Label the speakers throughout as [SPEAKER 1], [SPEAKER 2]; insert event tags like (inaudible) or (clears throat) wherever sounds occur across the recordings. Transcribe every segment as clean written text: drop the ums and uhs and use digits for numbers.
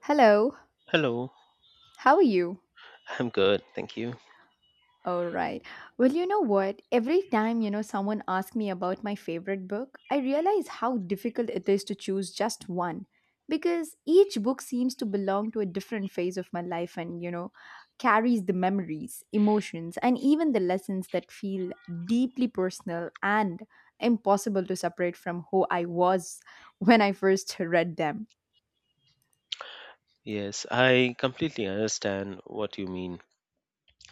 [SPEAKER 1] Hello,
[SPEAKER 2] Hello,
[SPEAKER 1] how are you?
[SPEAKER 2] I'm good, thank you.
[SPEAKER 1] All right. Well, you know what? Every time, someone asks me about my favorite book, I realize how difficult it is to choose just one because each book seems to belong to a different phase of my life and, carries the memories, emotions, and even the lessons that feel deeply personal and impossible to separate from who I was (laughs) when I first read them.
[SPEAKER 2] Yes, I completely understand what you mean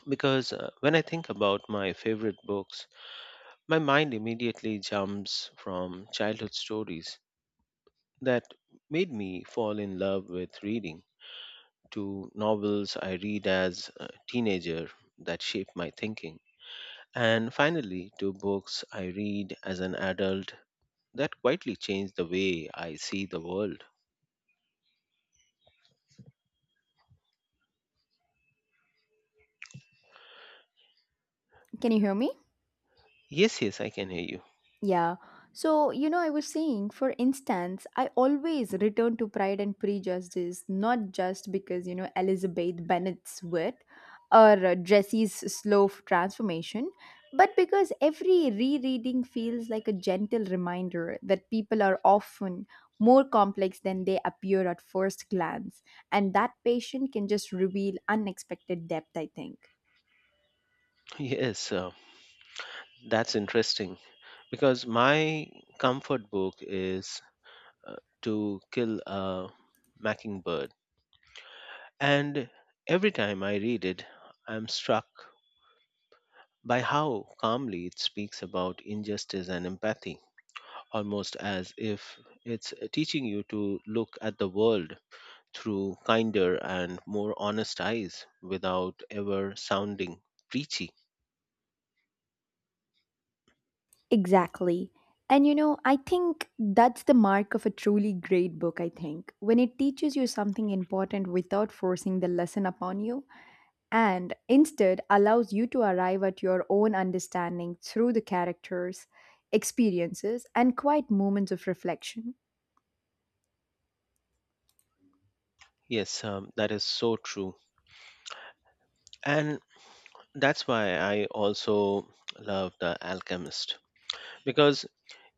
[SPEAKER 2] because when I think about my favorite books, my mind immediately jumps from childhood stories that made me fall in love with reading to novels I read as a teenager that shaped my thinking, and finally to books I read as an adult that quietly changed the way I see the world.
[SPEAKER 1] Can you hear me?
[SPEAKER 2] Yes, yes, I can hear you.
[SPEAKER 1] Yeah. So, I was saying, for instance, I always return to Pride and Prejudice, not just because, Elizabeth Bennet's wit or Jessie's transformation, but because every rereading feels like a gentle reminder that people are often more complex than they appear at first glance. And that patient can just reveal unexpected depth, I think.
[SPEAKER 2] (laughs) Yes, that's interesting because my comfort book is uh, To Kill a Mockingbird. And every time I read it, I'm struck by how calmly it speaks about injustice and empathy, almost as if it's teaching you to look at the world through kinder and more honest eyes without ever sounding preachy.
[SPEAKER 1] Exactly. And you know, I think that's the mark of a truly great book, I think, when it teaches you something important without forcing the lesson upon you and instead allows you to arrive at your own understanding through the characters, experiences, and quiet moments of reflection.
[SPEAKER 2] Yes, that is so true. And that's why I also love The Alchemist, because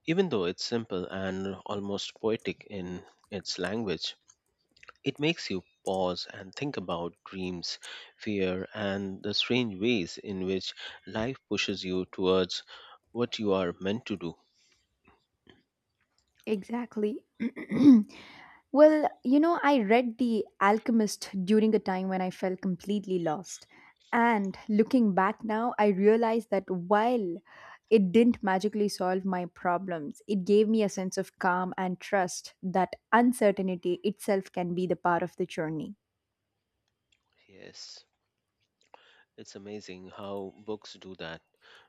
[SPEAKER 2] even though it's simple and almost poetic in its language, it makes you pause and think about dreams, fear, and the strange ways in which life pushes you towards what you are meant to do.
[SPEAKER 1] Exactly. (clears throat) Well, you know, I read The Alchemist during a time when I felt completely lost. And looking back now, I realized that while it didn't magically solve my problems, it gave me a sense of calm and trust that uncertainty itself can be the part of the journey.
[SPEAKER 2] Yes, it's amazing how books do that.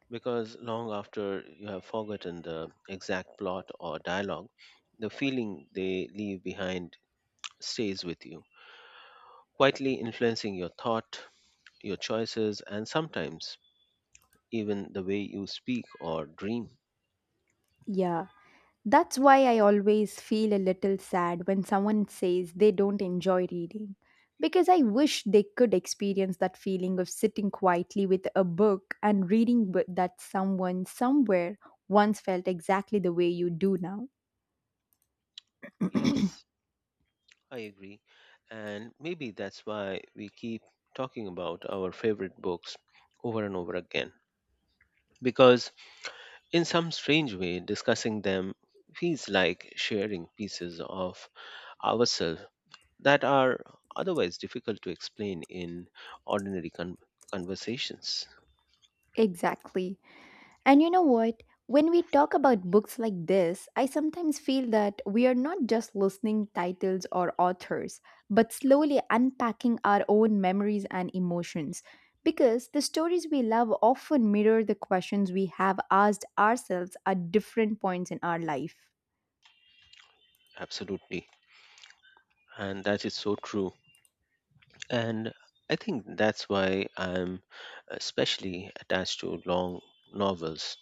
[SPEAKER 2] Because long after you have forgotten the exact plot or dialogue, the feeling they leave behind stays with you, quietly influencing your thought, your choices, and sometimes even the way you speak or dream.
[SPEAKER 1] Yeah. That's why I always feel a little sad when someone says they don't enjoy reading, because I wish they could experience that feeling of sitting quietly with a book and reading with that someone somewhere once felt exactly the way you do now.
[SPEAKER 2] Yes, I agree. And maybe that's why we keep talking about our favorite books over and over again. Because in some strange way, discussing them feels like sharing pieces of ourselves that are otherwise difficult to explain in ordinary conversations.
[SPEAKER 1] Exactly. And you know what? When we talk about books like this, I sometimes feel that we are not just listening titles or authors, but slowly unpacking our own memories and emotions. Because the stories we love often mirror the questions we have asked ourselves at different points in our life.
[SPEAKER 2] Absolutely. And that is so true. And I think that's why I'm especially attached to long novels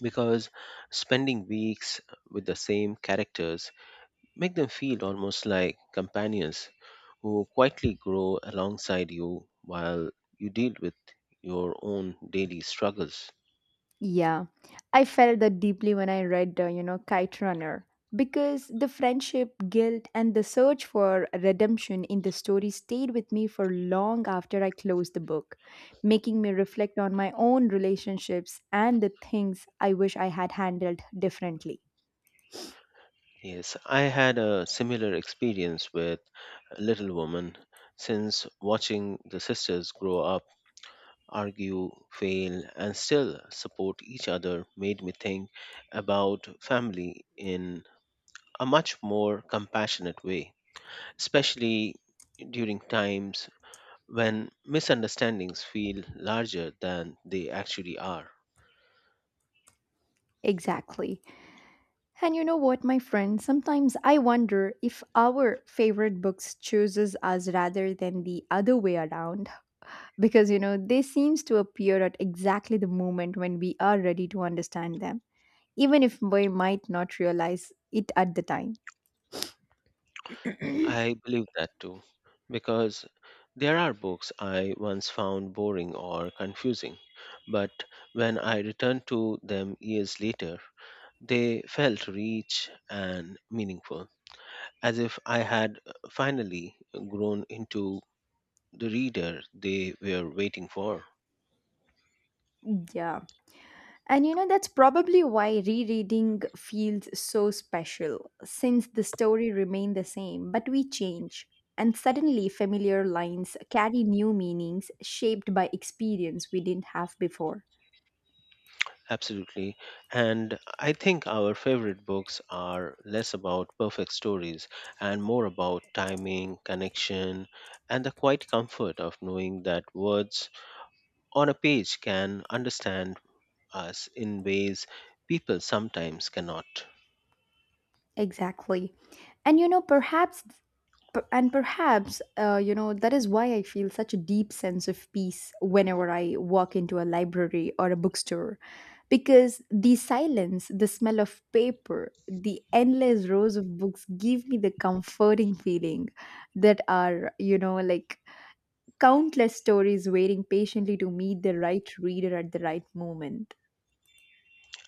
[SPEAKER 2] because spending weeks with the same characters make them feel almost like companions who quietly grow alongside you while you deal with your own daily struggles.
[SPEAKER 1] Yeah, I felt that deeply when I read, Kite Runner, because the friendship, guilt, and the search for redemption in the story stayed with me for long after I closed the book, making me reflect on my own relationships and the things I wish I had handled differently.
[SPEAKER 2] Yes, I had a similar experience with Little Woman since watching the sisters grow up, argue, fail, and still support each other made me think about family in a much more compassionate way, especially during times when misunderstandings feel larger than they actually are.
[SPEAKER 1] Exactly. And you know what, my friend? Sometimes I wonder if our favorite books chooses us rather than the other way around because they seems to appear at exactly the moment when we are ready to understand them even if we might not realize it at the time.
[SPEAKER 2] I believe that too, because there are books I once found boring or confusing, but when I returned to them years later, they felt rich and meaningful, as if I had finally grown into the reader they were waiting for.
[SPEAKER 1] Yeah, and you know that's probably why rereading feels so special since the story remain the same but we change, and suddenly familiar lines carry new meanings shaped by experience we didn't have before.
[SPEAKER 2] Absolutely. And I think our favorite books are less about perfect stories and more about timing, connection, and the quiet comfort of knowing that words on a page can understand us in ways people sometimes cannot.
[SPEAKER 1] Exactly. And you know, perhaps P- and perhaps that is why I feel such a deep sense of peace whenever I walk into a library or a bookstore, because the silence, the smell of paper, the endless rows of books give me the comforting feeling that are, countless stories waiting patiently to meet the right reader at the right moment.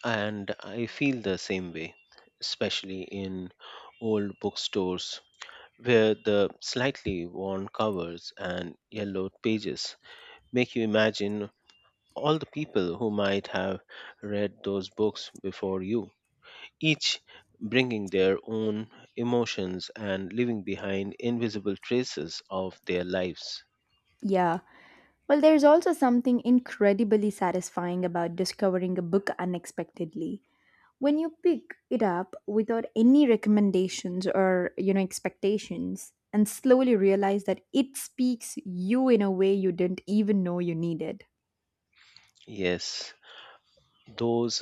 [SPEAKER 2] And I feel the same way, especially in old bookstores where the slightly worn covers and yellowed pages make you imagine all the people who might have read those books before you, each bringing their own emotions and leaving behind invisible traces of their lives.
[SPEAKER 1] Yeah. Well, there's also something incredibly satisfying about discovering a book unexpectedly, when you pick it up without any recommendations or expectations and slowly realize that it speaks you in a way you didn't even know you needed.
[SPEAKER 2] Yes, those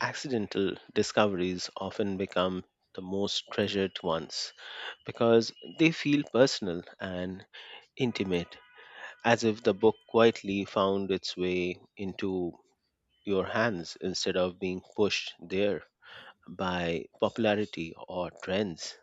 [SPEAKER 2] accidental discoveries often become the most treasured ones because they feel personal and intimate, as if the book quietly found its way into your hands instead of being pushed there by popularity or trends.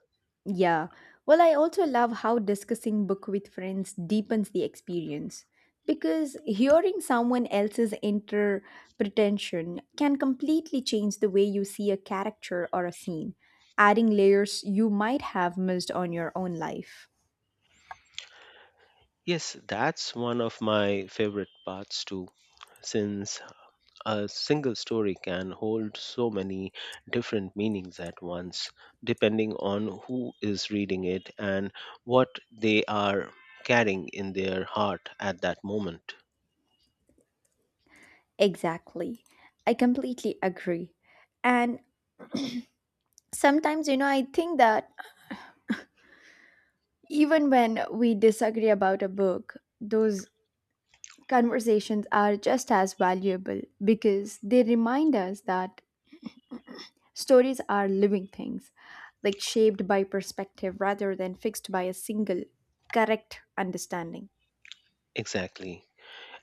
[SPEAKER 1] Yeah. Well, I also love how discussing book with friends deepens the experience, because hearing someone else's interpretation can completely change the way you see a character or a scene, adding layers you might have missed on your own life.
[SPEAKER 2] Yes, that's one of my favorite parts too, since a single story can hold so many different meanings at once, depending on who is reading it and what they are carrying in their heart at that moment.
[SPEAKER 1] Exactly. I completely agree. And sometimes, you know, I think that even when we disagree about a book, those conversations are just as valuable because they remind us that stories are living things, like shaped by perspective rather than fixed by a single correct understanding.
[SPEAKER 2] Exactly.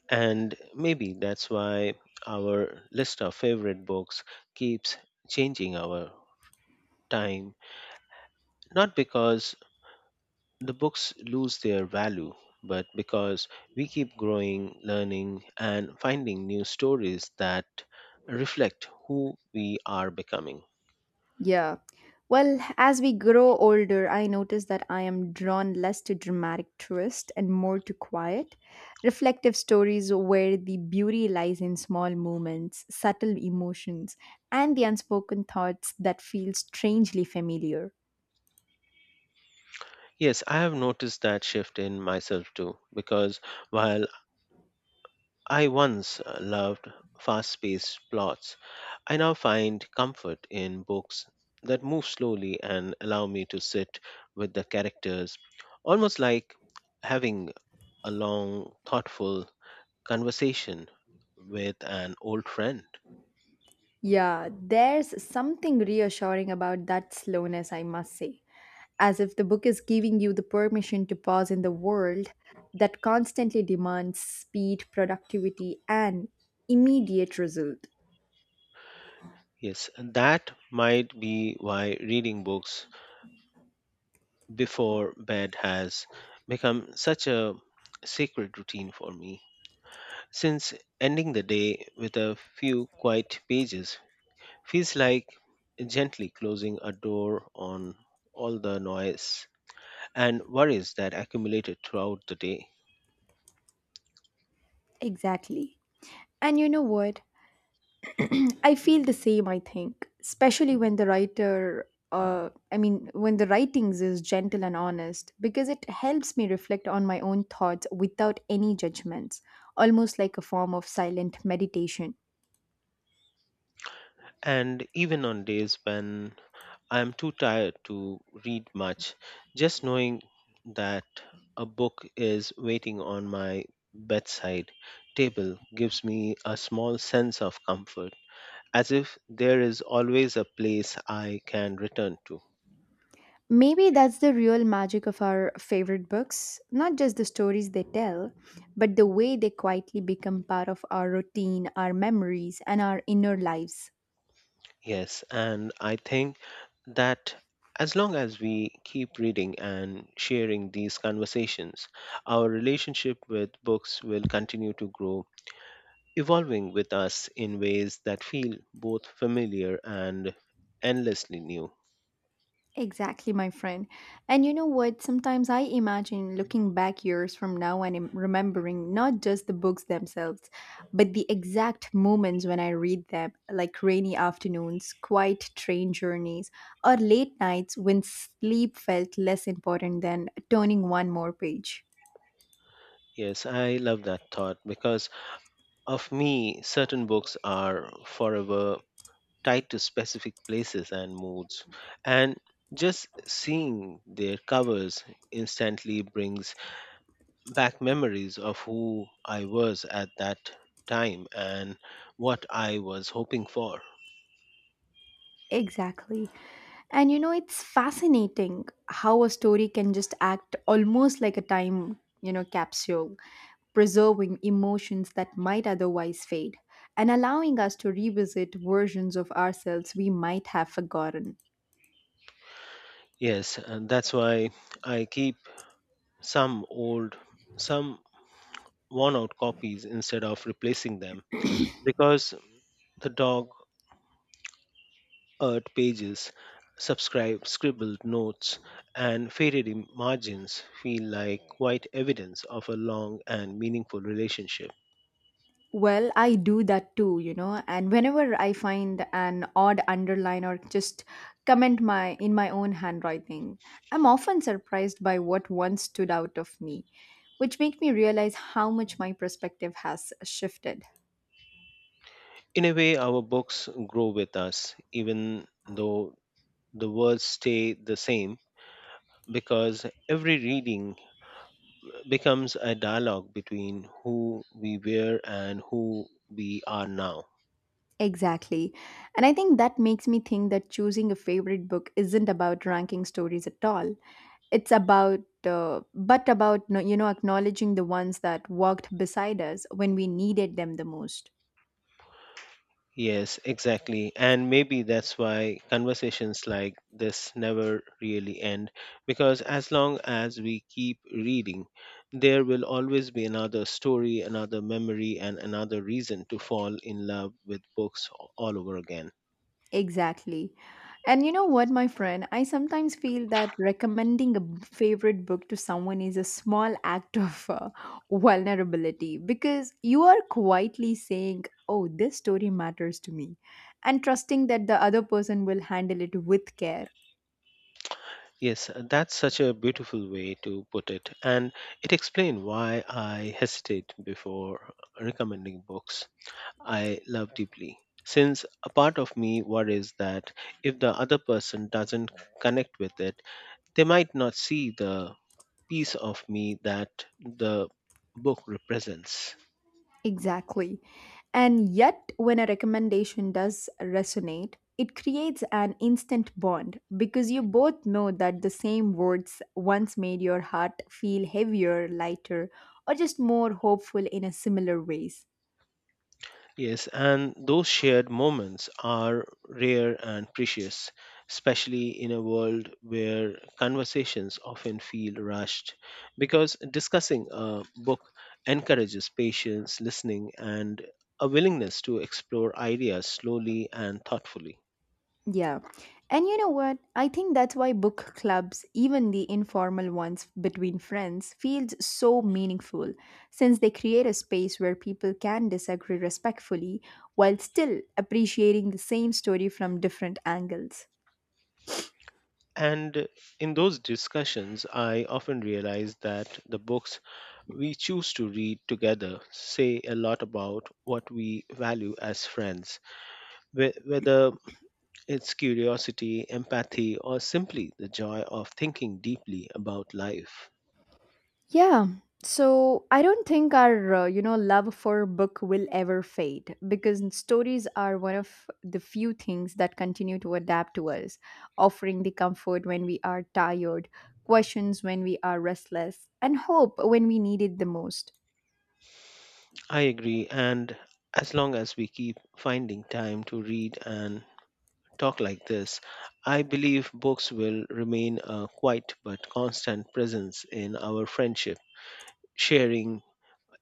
[SPEAKER 2] And maybe that's why our list of favorite books keeps changing our time, not because the books lose their value, but because we keep growing, learning, and finding new stories that reflect who we are becoming.
[SPEAKER 1] Yeah. Well, as we grow older, I notice that I am drawn less to dramatic twists and more to quiet, reflective stories where the beauty lies in small moments, subtle emotions, and the unspoken thoughts that feel strangely familiar.
[SPEAKER 2] Yes, I have noticed that shift in myself too, because while I once loved fast paced plots, I now find comfort in books that move slowly and allow me to sit with the characters, almost like having a long, thoughtful conversation with an old friend.
[SPEAKER 1] Yeah, there's something reassuring about that slowness, I must say, as if the book is giving you the permission to pause in the world that constantly demands speed, productivity, and immediate result.
[SPEAKER 2] Yes, and that might be why reading books before bed has become such a sacred routine for me, since ending the day with a few quiet pages feels like gently closing a door on all the noise and worries that accumulated throughout the day.
[SPEAKER 1] Exactly. And you know what? I feel the same, I think, especially when the writer. I mean, when the writings is gentle and honest, because it helps me reflect on my own thoughts without any judgments, almost like a form of silent meditation.
[SPEAKER 2] And even on days when I am too tired to read much, just knowing that a book is waiting on my bedside table gives me a small sense of comfort, as if there is always a place I can return to.
[SPEAKER 1] Maybe that's the real magic of our favorite books, not just the stories they tell, but the way they quietly become part of our routine, our memories, and our inner lives.
[SPEAKER 2] Yes, and I think that as long as we keep reading and sharing these conversations, our relationship with books will continue to grow, evolving with us in ways that feel both familiar and endlessly new.
[SPEAKER 1] Exactly, my friend. And you know what? Sometimes I imagine looking back years from now and remembering not just the books themselves, but the exact moments when I read them, like rainy afternoons, quiet train journeys, or late nights when sleep felt less important than turning one more page.
[SPEAKER 2] Yes, I love that thought because of me, certain books are forever tied to specific places and moods, and just seeing their covers instantly brings back memories of who I was at that time and what I was hoping for.
[SPEAKER 1] Exactly. And you know, it's fascinating how a story can just act almost like a time, capsule, preserving emotions that might otherwise fade and allowing us to revisit versions of ourselves we might have forgotten.
[SPEAKER 2] Yes, and that's why I keep some old, some worn out copies instead of replacing them because the dog eared pages, subscribe scribbled notes, and faded margins feel like quite evidence of a long and meaningful relationship.
[SPEAKER 1] Well, I do that too, you know, and whenever I find an odd underline or just comment my own handwriting, I'm often surprised by what once stood out of me, which make me realize how much my perspective has shifted.
[SPEAKER 2] In a way, our books grow with us, even though the words stay the same because every reading becomes a dialogue between who we were and who we are now.
[SPEAKER 1] Exactly. And I think that makes me think that choosing a favorite book isn't about ranking stories at all. It's about but about you know acknowledging the ones that walked beside us when we needed them the most.
[SPEAKER 2] Yes, exactly. And maybe that's why conversations like this never really end because as long as we keep reading, there will always be another story, another memory, and another reason to fall in love with books all over again.
[SPEAKER 1] Exactly. And you know what, my friend? I sometimes feel that recommending a favorite book to someone is a small act of vulnerability because you are quietly saying, "Oh, this story matters to me," and trusting that the other person will handle it with care.
[SPEAKER 2] Yes, that's such a beautiful way to put it, and it explains why I hesitate before recommending books I love deeply, since a part of me worries that if the other person doesn't connect with it, they might not see the piece of me that the book represents.
[SPEAKER 1] Exactly. And yet, when a recommendation does resonate, it creates an instant bond because you both know that the same words once made your heart feel heavier, lighter, or just more hopeful in a similar ways.
[SPEAKER 2] Yes, and those shared moments are rare and precious, especially in a world where conversations often feel rushed, because discussing a book encourages patience, listening, and a willingness to explore ideas slowly and thoughtfully.
[SPEAKER 1] Yeah. And you know what? I think that's why book clubs, even the informal ones between friends, feels so meaningful since they create a space where people can disagree respectfully while still appreciating the same story from different angles.
[SPEAKER 2] And in those discussions, I often realize that the books we choose to read together say a lot about what we value as friends, whether it's curiosity, empathy, or simply the joy of thinking deeply about life.
[SPEAKER 1] Yeah. So I don't think our you know love for book will ever fade because stories are one of the few things that continue to adapt to us, offering the comfort when we are tired, questions when we are restless, and hope when we need it the most.
[SPEAKER 2] I agree, and as long as we keep finding time to read and talk like this, I believe books will remain a quiet but constant presence in our friendship, sharing,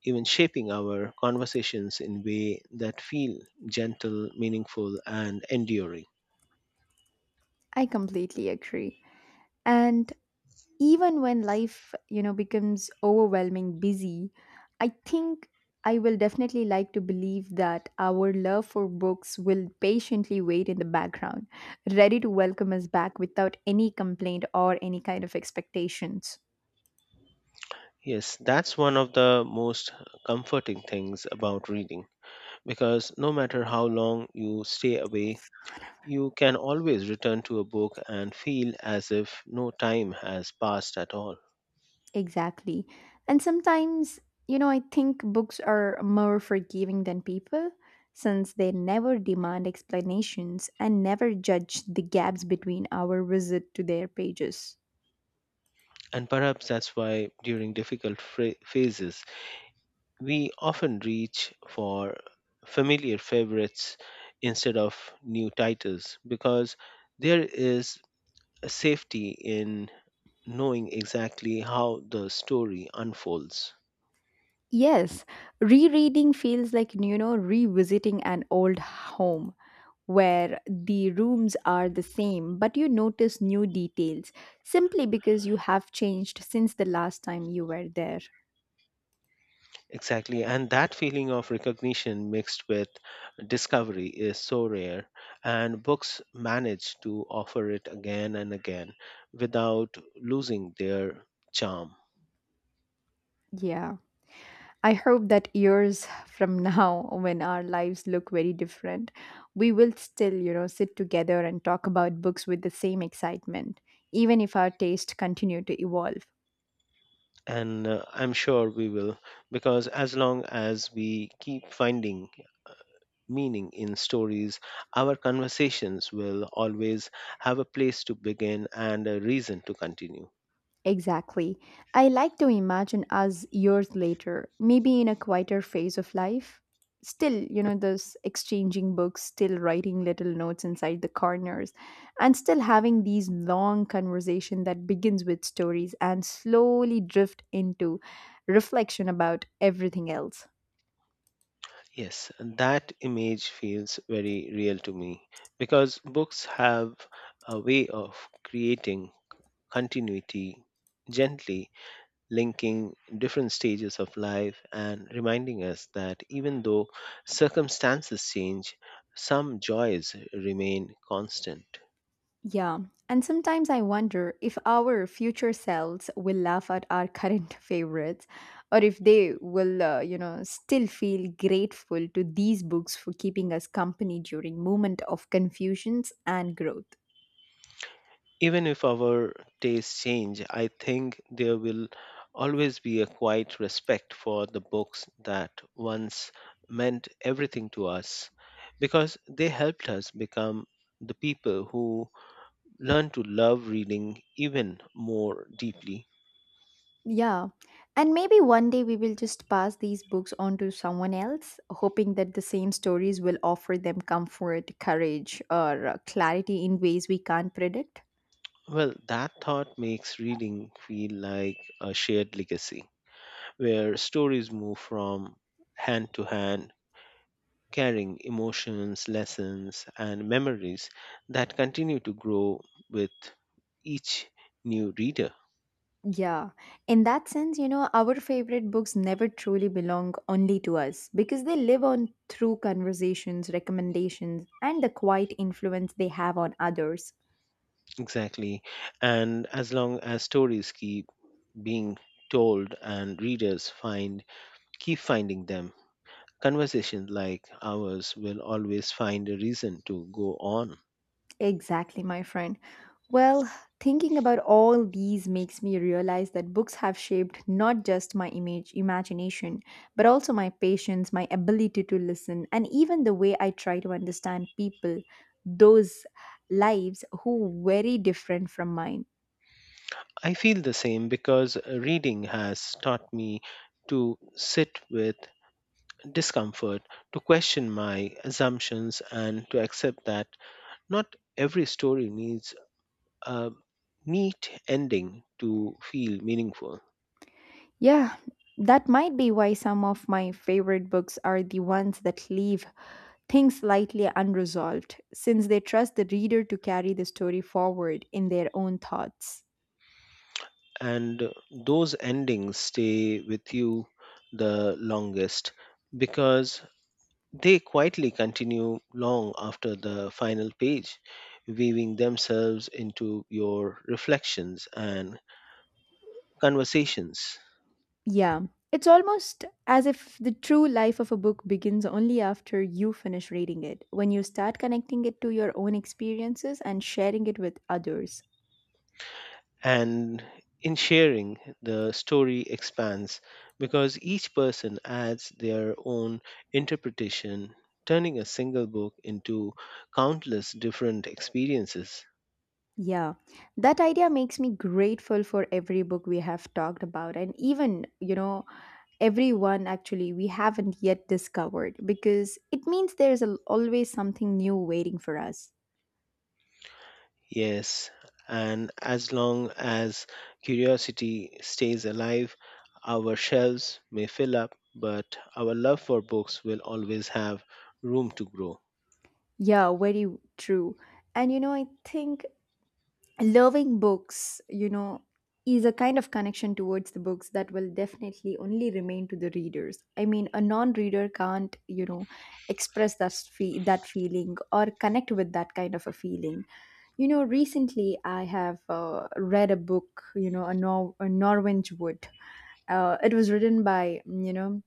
[SPEAKER 2] even shaping our conversations in way that feel gentle, meaningful, and enduring.
[SPEAKER 1] I completely agree. And even when life, becomes overwhelming busy, I think I will definitely like to believe that our love for books will patiently wait in the background, ready to welcome us back without any complaint or any kind of expectations.
[SPEAKER 2] Yes, that's one of the most comforting things about reading, because no matter how long you stay away, you can always return to a book and feel as if no time has passed at all.
[SPEAKER 1] Exactly, and sometimes, I think books are more forgiving than people, since they never demand explanations and never judge the gaps between our visit to their pages.
[SPEAKER 2] And perhaps that's why during difficult phases, we often reach for familiar favorites instead of new titles because there is a safety in knowing exactly how the story unfolds.
[SPEAKER 1] Yes, rereading feels like, revisiting an old home where the rooms are the same, but you notice new details simply because you have changed since the last time you were there.
[SPEAKER 2] Exactly, and that feeling of recognition mixed with discovery is so rare, and books manage to offer it again and again without losing their charm.
[SPEAKER 1] Yeah. I hope that years (laughs) from now, when our lives look very different, we will still, sit together and talk about books with the same excitement, even if our taste continue to evolve.
[SPEAKER 2] And I'm sure we will, because as long as we keep finding meaning in stories, our conversations will always have a place to begin and a reason to continue.
[SPEAKER 1] Exactly. I like to imagine us years later, maybe in a quieter phase of life. Still, those exchanging books, still writing little notes inside the corners, and still having these long conversation that begins with stories and slowly drift into reflection about everything else.
[SPEAKER 2] Yes, that image feels very real to me because books have a way of creating continuity, gently linking different stages of life and reminding us that even though circumstances change, some joys remain constant.
[SPEAKER 1] Yeah, and sometimes I wonder if our future selves will laugh at our current (laughs) favorites or if they will, still feel grateful to these books for keeping us company during moment of confusions and growth.
[SPEAKER 2] Even if our tastes change, I think there will always be a quiet respect for the books that once meant everything to us because they helped us become the people who learn to love reading even more deeply.
[SPEAKER 1] Yeah, and maybe one day we will just pass these books on to someone else, hoping that the same stories will offer them comfort, courage, or clarity in ways we can't predict.
[SPEAKER 2] Well, that thought makes reading feel like a shared legacy where stories move from hand to hand, carrying emotions, lessons, and memories that continue to grow with each new reader.
[SPEAKER 1] Yeah, in that sense, you know, our favorite books never truly belong only to us because they live on through conversations, recommendations, and the quiet influence they have on others.
[SPEAKER 2] Exactly. And as long as stories keep being told and readers find keep finding them, conversations like ours will always find a reason to go on.
[SPEAKER 1] Exactly, my friend. Well, thinking about all these makes me realize that books have shaped not just imagination, but also my patience, my ability to listen, and even the way I try to understand people, those lives who very different from mine.
[SPEAKER 2] I feel the same because reading has taught me to sit with discomfort, to question my assumptions, and to accept that not every story needs a neat ending to feel meaningful,
[SPEAKER 1] Yeah, that might be why some of my favorite books are the ones that leave things slightly unresolved, since they trust the reader to carry the story forward in their own thoughts.
[SPEAKER 2] and those endings stay with you the longest because they quietly continue long after the final page, weaving themselves into your reflections and conversations.
[SPEAKER 1] Yeah, it's almost as if the true life of a book begins only after you finish reading it, when you start connecting it to your own experiences and sharing it with others.
[SPEAKER 2] And in sharing, the story expands because each person adds their own interpretation, turning a single book into countless different experiences.
[SPEAKER 1] Yeah, that idea makes me grateful for every book we have talked about, and even, everyone actually we haven't yet discovered because it means there's always something new waiting for us.
[SPEAKER 2] Yes, and as long as curiosity stays alive, our shelves may fill up, but our love for books will always have room to grow.
[SPEAKER 1] Yeah, very true. And you know I think loving books, is a kind of connection towards the books that will definitely only remain to the readers. I mean, a non-reader can't, express that feeling or connect with that kind of a feeling. You know, recently I have read a book, a, a Norwich Wood. It was written by,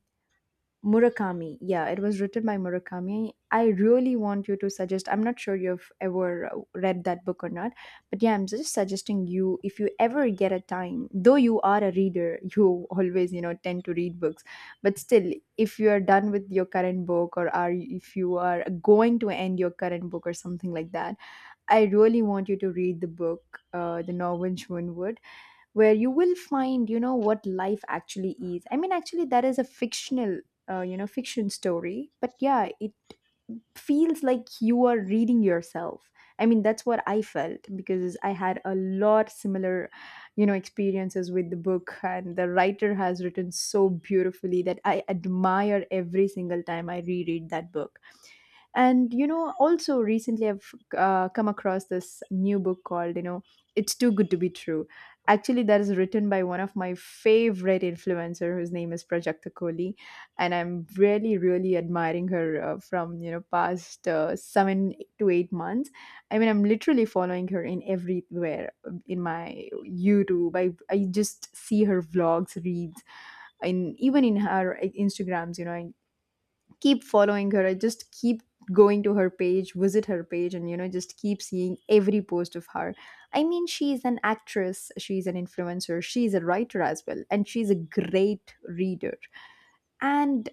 [SPEAKER 1] Murakami. Yeah, it was written by Murakami. I really want you to suggest. I'm not sure you've ever read that book or not, but yeah, I'm just suggesting you if you ever get a time, though you are a reader, (laughs) you always, tend to read books, but still, if you are done with your current book or are if you are going to end your current book or something like that, I really want you to read the book, The Norwegian Wood, where you will find you know what life actually is. I mean, actually that is a fictional you know fiction story, but yeah, it feels like you are reading yourself. I mean, that's what I felt, because I had a lot similar you know experiences with the book, and the writer has written so beautifully that I admire every single time I reread that book. And you know, also recently I've come across this new book called, It's Too Good to Be True. Actually, that is written by one of my favorite influencer whose name is Prajakta Kohli, and I'm really, really admiring her from you know past 7 to 8 months. I mean, I'm literally following her in everywhere in my YouTube. I just see her vlogs, reads, in even in her Instagrams. You know, I keep following her. I just keep going to her page, visit her page, and just keep seeing every post of her. I mean, she is an actress, she is an influencer, she is a writer as well, and she's a great reader. And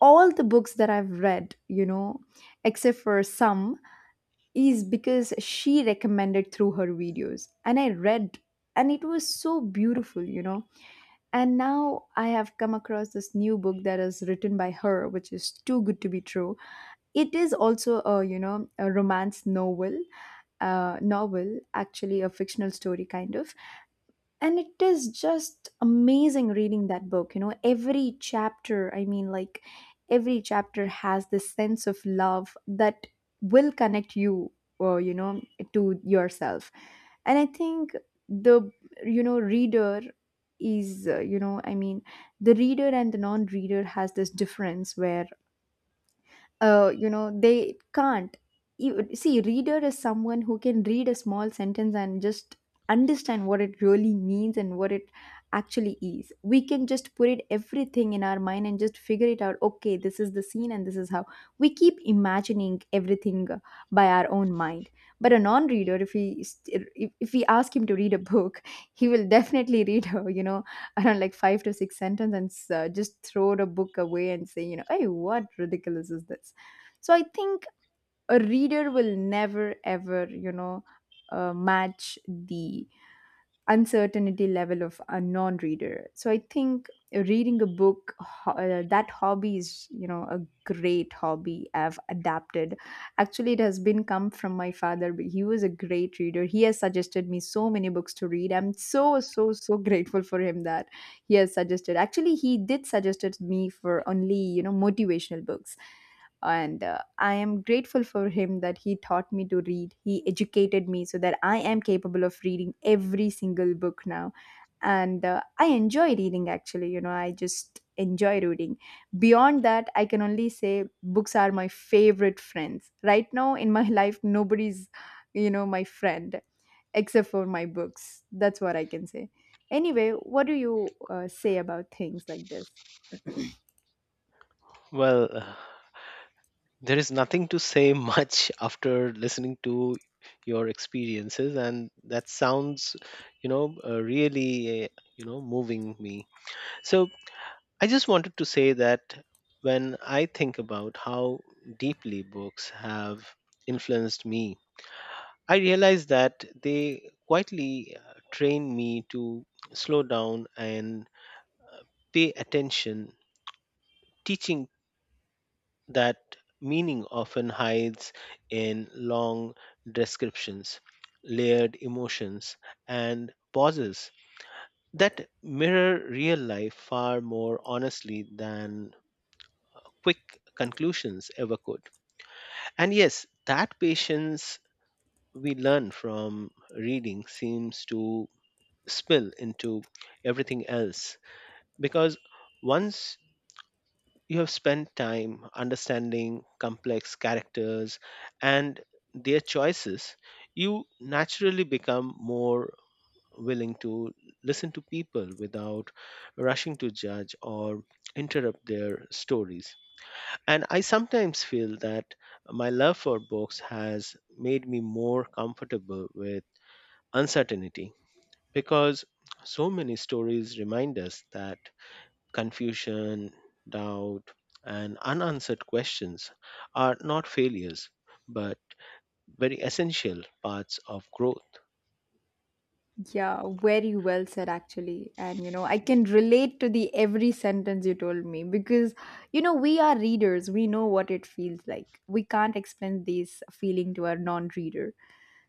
[SPEAKER 1] all the books that I've read, except for some, is because she recommended through her videos. And I read, and it was so beautiful. And now I have come across this new book that is written by her, which is Too Good to Be True. It is also a you know a romance novel, novel, actually a fictional story kind of. And it is just amazing reading that book. You know, every chapter, I mean, like every chapter has this sense of love that will connect you or you know to yourself. And I think the you know reader is you know, I mean the reader and the non-reader has this difference where you know they can't. See, reader is someone who can read a small sentence and just understand what it really means and what it actually is. We can just put it everything in our mind and just figure it out, okay, this is the scene and this is how we keep imagining everything by our own mind. But a non-reader, if we st- if we ask him to read a book, (laughs) he will definitely read you know around like 5 to 6 sentences, and just throw the book away and say, you know, hey, what ridiculous is this? So I think a reader will never ever you know match the uncertainty level of a non-reader. So I think reading a book, that hobby is you know a great hobby I've adapted. Actually, it has been come from my father, but he was a great reader. He has suggested me so many books to read. I'm so so so (laughs) grateful for him that he has suggested. Actually, he did suggested me for only you know motivational books. And I am grateful for him that he taught me to read, he educated me so that I am capable of reading every single book now. And I enjoy reading. Actually, you know, I just enjoy reading. Beyond that, I can only say books are my favorite friends right now in my (laughs) life. Nobody's you know my friend except for my books. That's what I can say. Anyway, what do you say about things like this?
[SPEAKER 2] Well, there is nothing to say much (laughs) after listening to your experiences, and that sounds, you know, really, you know, moving me. So I just wanted to say that when I think about how deeply books have influenced me, I realize that they quietly train me to slow down and pay attention, teaching that meaning often hides in long descriptions, layered emotions, and pauses that mirror real life far more honestly than quick conclusions ever could. And yes, that patience we learn from reading seems to spill into everything else because once you have spent time understanding complex characters and their choices, you naturally become more willing to listen to people without rushing to judge or interrupt their stories. And I sometimes feel that my love for books has made me more comfortable with uncertainty because so many stories remind us that confusion, doubt, and unanswered questions are not failures but very essential parts of growth.
[SPEAKER 1] Yeah, very well said, actually. And, you know, I can relate to the every sentence you told me because, you know, we are readers. We know what it feels like. We can't explain this feeling to our non reader.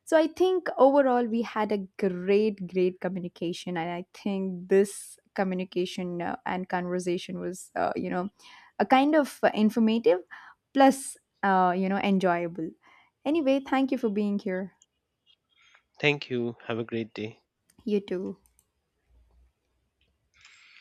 [SPEAKER 1] So I think overall we had a great, great communication. And I think this communication and conversation was, you know, a kind of informative plus, you know, enjoyable. Anyway, thank you for being here.
[SPEAKER 2] Thank you. Have a great day.
[SPEAKER 1] You too.